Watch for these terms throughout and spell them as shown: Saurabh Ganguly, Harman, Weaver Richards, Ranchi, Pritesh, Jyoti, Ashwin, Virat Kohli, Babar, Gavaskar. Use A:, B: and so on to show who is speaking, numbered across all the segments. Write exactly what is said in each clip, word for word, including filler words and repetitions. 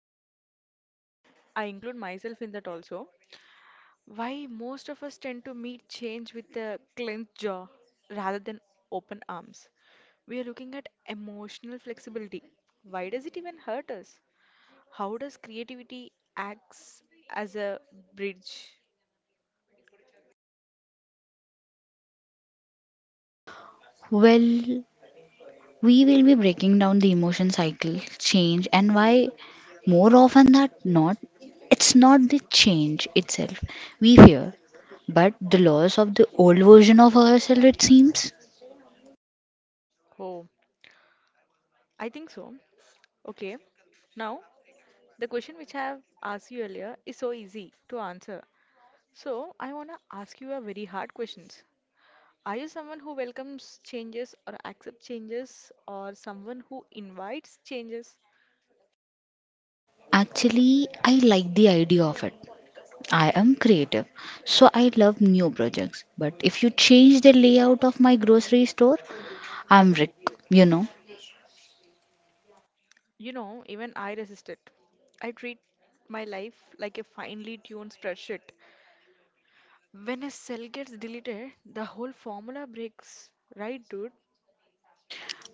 A: why most of us, I include myself in that also, why most of us tend to meet change with a clenched jaw rather than open arms. We are looking at emotional flexibility. Why does it even hurt us? How does creativity acts as a bridge
B: Well, we will be breaking down the emotion cycle, change, and why, more often than not, it's not the change itself we fear, but the loss of the old version of ourselves, it seems.
A: home? I think so. Okay. Now, the question which I have asked you earlier is so easy to answer. So, I want to ask you a very hard question. Are you someone who welcomes changes or accepts changes or someone who invites changes?
B: Actually, I like the idea of it. I am creative, so I love new projects. But if you change the layout of my grocery store, I'm Rick, you know.
A: You know, even I resist it. I treat my life like a finely tuned spreadsheet. When a cell gets deleted, the whole formula breaks, right, dude?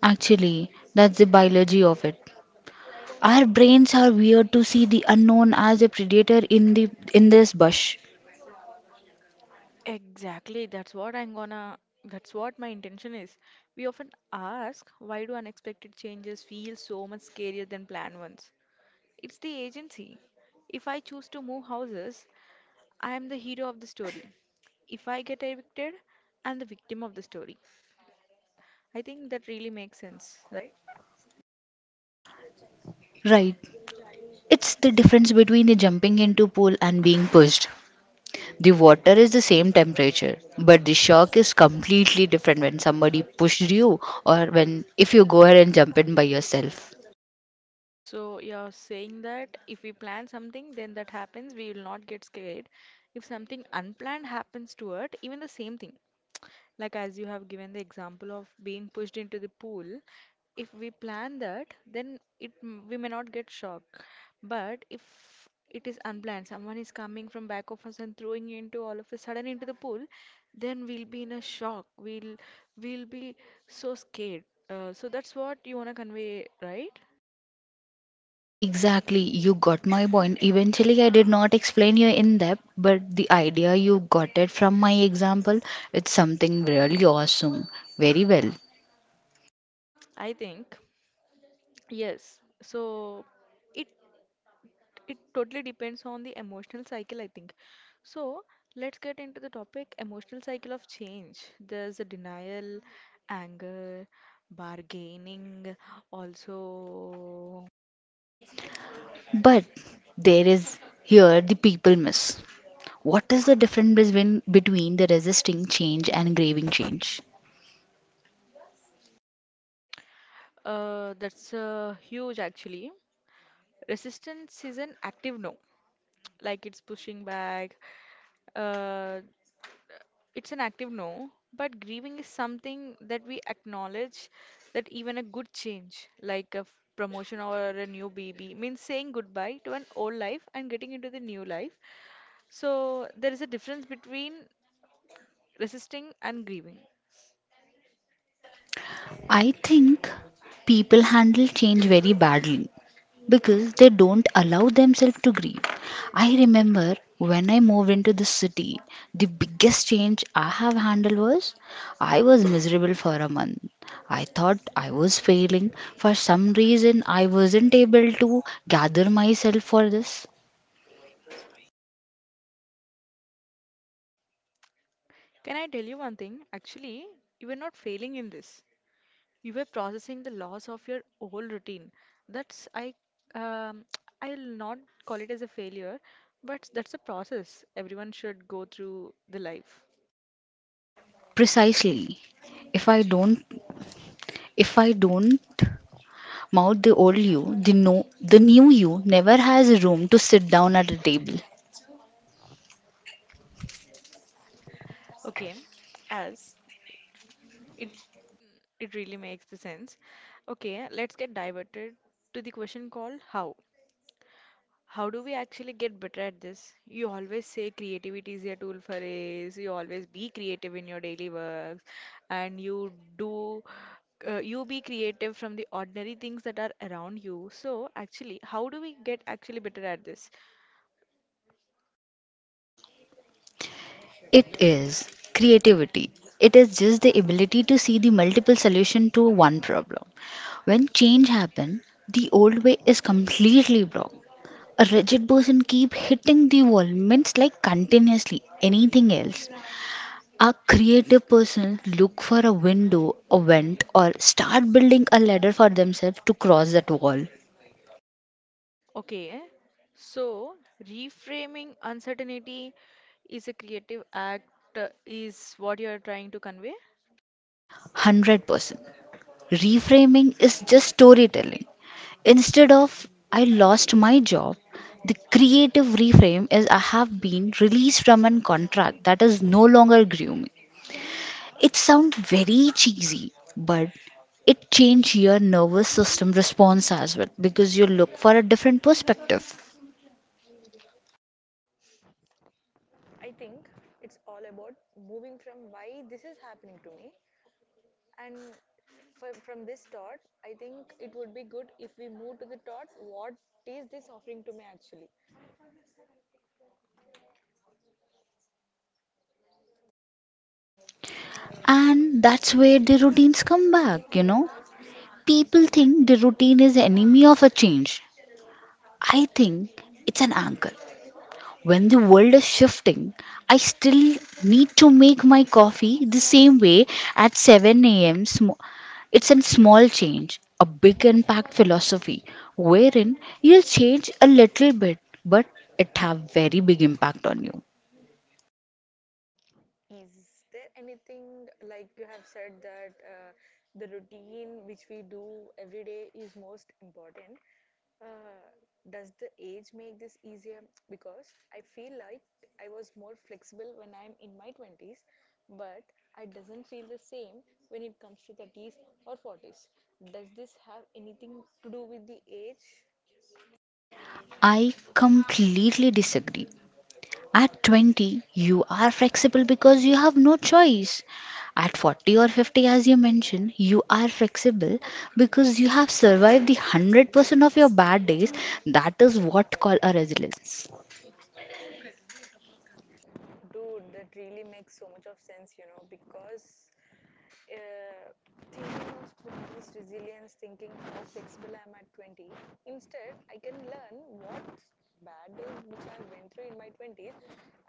B: Actually, that's the biology of it. Our brains are weird to see the unknown as a predator in the in this bush.
A: Exactly, that's what I'm gonna, that's what my intention is. We often ask, why do unexpected changes feel so much scarier than planned ones? It's the agency. If I choose to move houses, I am the hero of the story. If I get evicted, I'm the victim of the story. I think that really makes sense.
B: Right. It's the difference between the jumping into pool and being pushed. The water is the same temperature, but the shock is completely different when somebody pushed you, or when, if you go ahead and jump in by yourself.
A: So you're saying that if we plan something, then that happens, we will not get scared. If something unplanned happens to it, even the same thing, like as you have given the example of being pushed into the pool, if we plan that, then it m- we may not get shocked. But if it is unplanned, someone is coming from back of us and throwing you into all of a sudden into the pool, then we'll be in a shock. We'll we'll be so scared. Uh, so that's what you want to convey, right?
B: Exactly, you got my point. Eventually, I did not explain you in depth, but the idea you got it from my example, it's something really awesome. Very well.
A: I think yes. So it it totally depends on the emotional cycle, I think. So let's get into the topic emotional cycle of change. There's a denial, anger, bargaining, also
B: But there is here the people miss. What is the difference between between the resisting change and craving change?
A: uh, that's uh, huge actually. Resistance is an active no, like it's pushing back. Uh, it's an active no, but grieving is something that we acknowledge that even a good change, like a f- promotion or a new baby, means saying goodbye to an old life and getting into the new life. So there is a difference between resisting and grieving.
B: I think people handle change very badly because they don't allow themselves to grieve. I remember when I moved into the city, the biggest change I have handled was I was miserable for a month. I thought I was failing. For some reason, I wasn't able to gather myself for this.
A: Can I tell you one thing? Actually, you were not failing in this. You were processing the loss of your old routine. That's I um, I'll not call it as a failure, but that's a process everyone should go through the life.
B: Precisely. If I don't if I don't mount the old you, the no the new you never has room to sit down at a table.
A: Okay, as it it really makes the sense. Okay, let's get diverted to the question called how. How do we actually get better at this? You always say creativity is a tool for ace. You always be creative in your daily works, and you do, uh, you be creative from the ordinary things that are around you. So actually, how do we get actually better at this?
B: It is creativity. It is just the ability to see the multiple solution to one problem. When change happen, the old way is completely blocked. A rigid person keep hitting the wall, means like continuously anything else. A creative person look for a window, a vent, or start building a ladder for themselves to cross that wall.
A: Okay, so reframing uncertainty is a creative act, uh, is what you are trying to convey.
B: one hundred percent. Reframing is just storytelling. Instead of I lost my job, the creative reframe is I have been released from a contract that is no longer grooming. It sounds very cheesy, but it changes your nervous system response as well because you look for a different perspective.
A: All about moving from why this is happening to me and for, from this thought, I think it would be good if we move to the thought what is this offering to me actually?
B: And that's where the routines come back, you know, people think the routine is enemy of a change. I think it's an anchor. When the world is shifting, I still need to make my coffee the same way at seven a m. Sm- it's a small change, a big impact philosophy, wherein you'll change a little bit, but it have very big impact on you.
A: Is there anything like you have said that uh, the routine which we do every day is most important? Uh, does the age make this easier? Because I feel like I was more flexible when I'm in my twenties, but I doesn't feel the same when it comes to thirties or forties. Does this have anything to do with the age?
B: I completely disagree. At twenty, you are flexible because you have no choice. At forty or fifty, as you mentioned, you are flexible because you have survived the one hundred percent of your bad days. That is what call a resilience.
A: Dude, that really makes so much of sense, you know, because uh, thinking of twenties resilience, thinking how flexible I am at twenty. Instead, I can learn what bad days which I went through in my twenties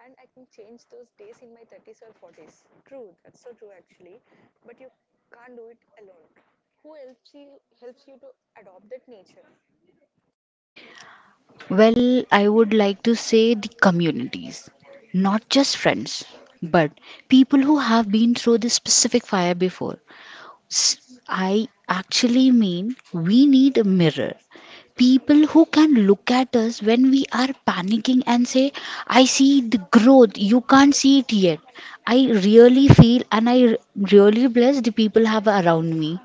A: and I can change those days in my thirties or forties. True, that's so true actually, but you can't do it alone. Who helps you helps you to adopt that nature?
B: Well, I would like to say the communities, not just friends, but people who have been through this specific fire before. S- I actually mean we need a mirror. People who can look at us when we are panicking and say, I see the growth, you can't see it yet. I really feel and I r- really bless the people have around me.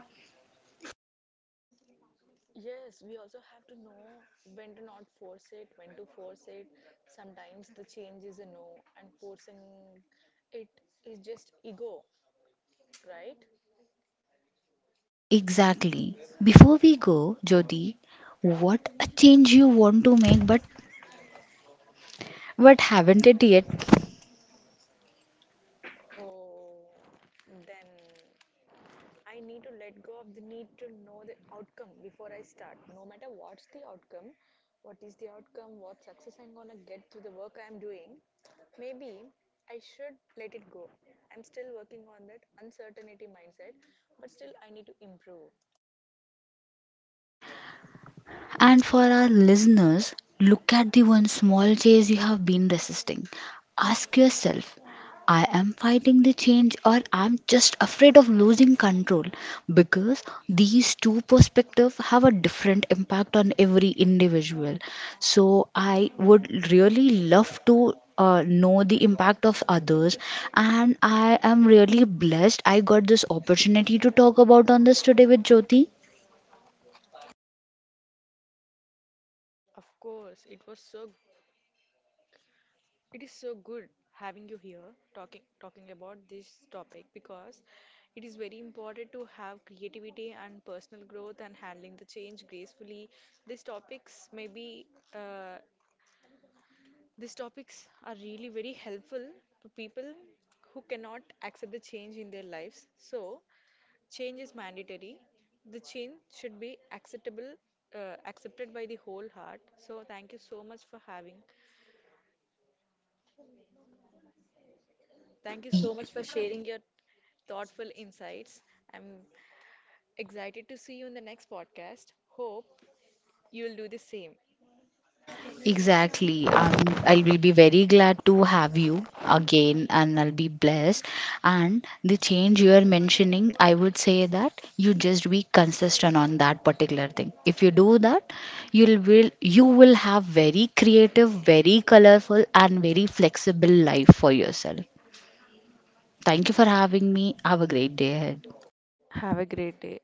A: Yes, we also have to know when to not force it, when to force it. Sometimes the change is a no, and forcing it is just ego, right?
B: Exactly. Before we go, Jyoti, what a change you want to make but but haven't it yet?
A: Oh, then I need to let go of the need to know the outcome before I start. No matter what's the outcome, what is the outcome, what success I'm gonna get through the work I'm doing, maybe I should let it go. I'm still working on that uncertainty mindset, but still I need to improve.
B: And for our listeners, look at the one small chase you have been resisting. Ask yourself, I am fighting the change or I'm just afraid of losing control, because these two perspectives have a different impact on every individual. So I would really love to uh, know the impact of others, and I am really blessed I got this opportunity to talk about on this today with Jyoti.
A: Of course, it was so it is so good having you here talking talking about this topic because it is very important to have creativity and personal growth and handling the change gracefully. These topics may be uh, these topics are really very helpful to people who cannot accept the change in their lives. So, change is mandatory. The change should be acceptable uh, accepted by the whole heart. So, thank you so much for having Thank you so much for sharing your thoughtful insights. I'm excited to see you in the next podcast. Hope you'll do the same.
B: Exactly. Um, I will be very glad to have you again and I'll be blessed. And the change you are mentioning, I would say that you just be consistent on that particular thing. If you do that, you'll will you will have very creative, very colorful and very flexible life for yourself. Thank you for having me. Have a great day ahead.
A: Have a great day.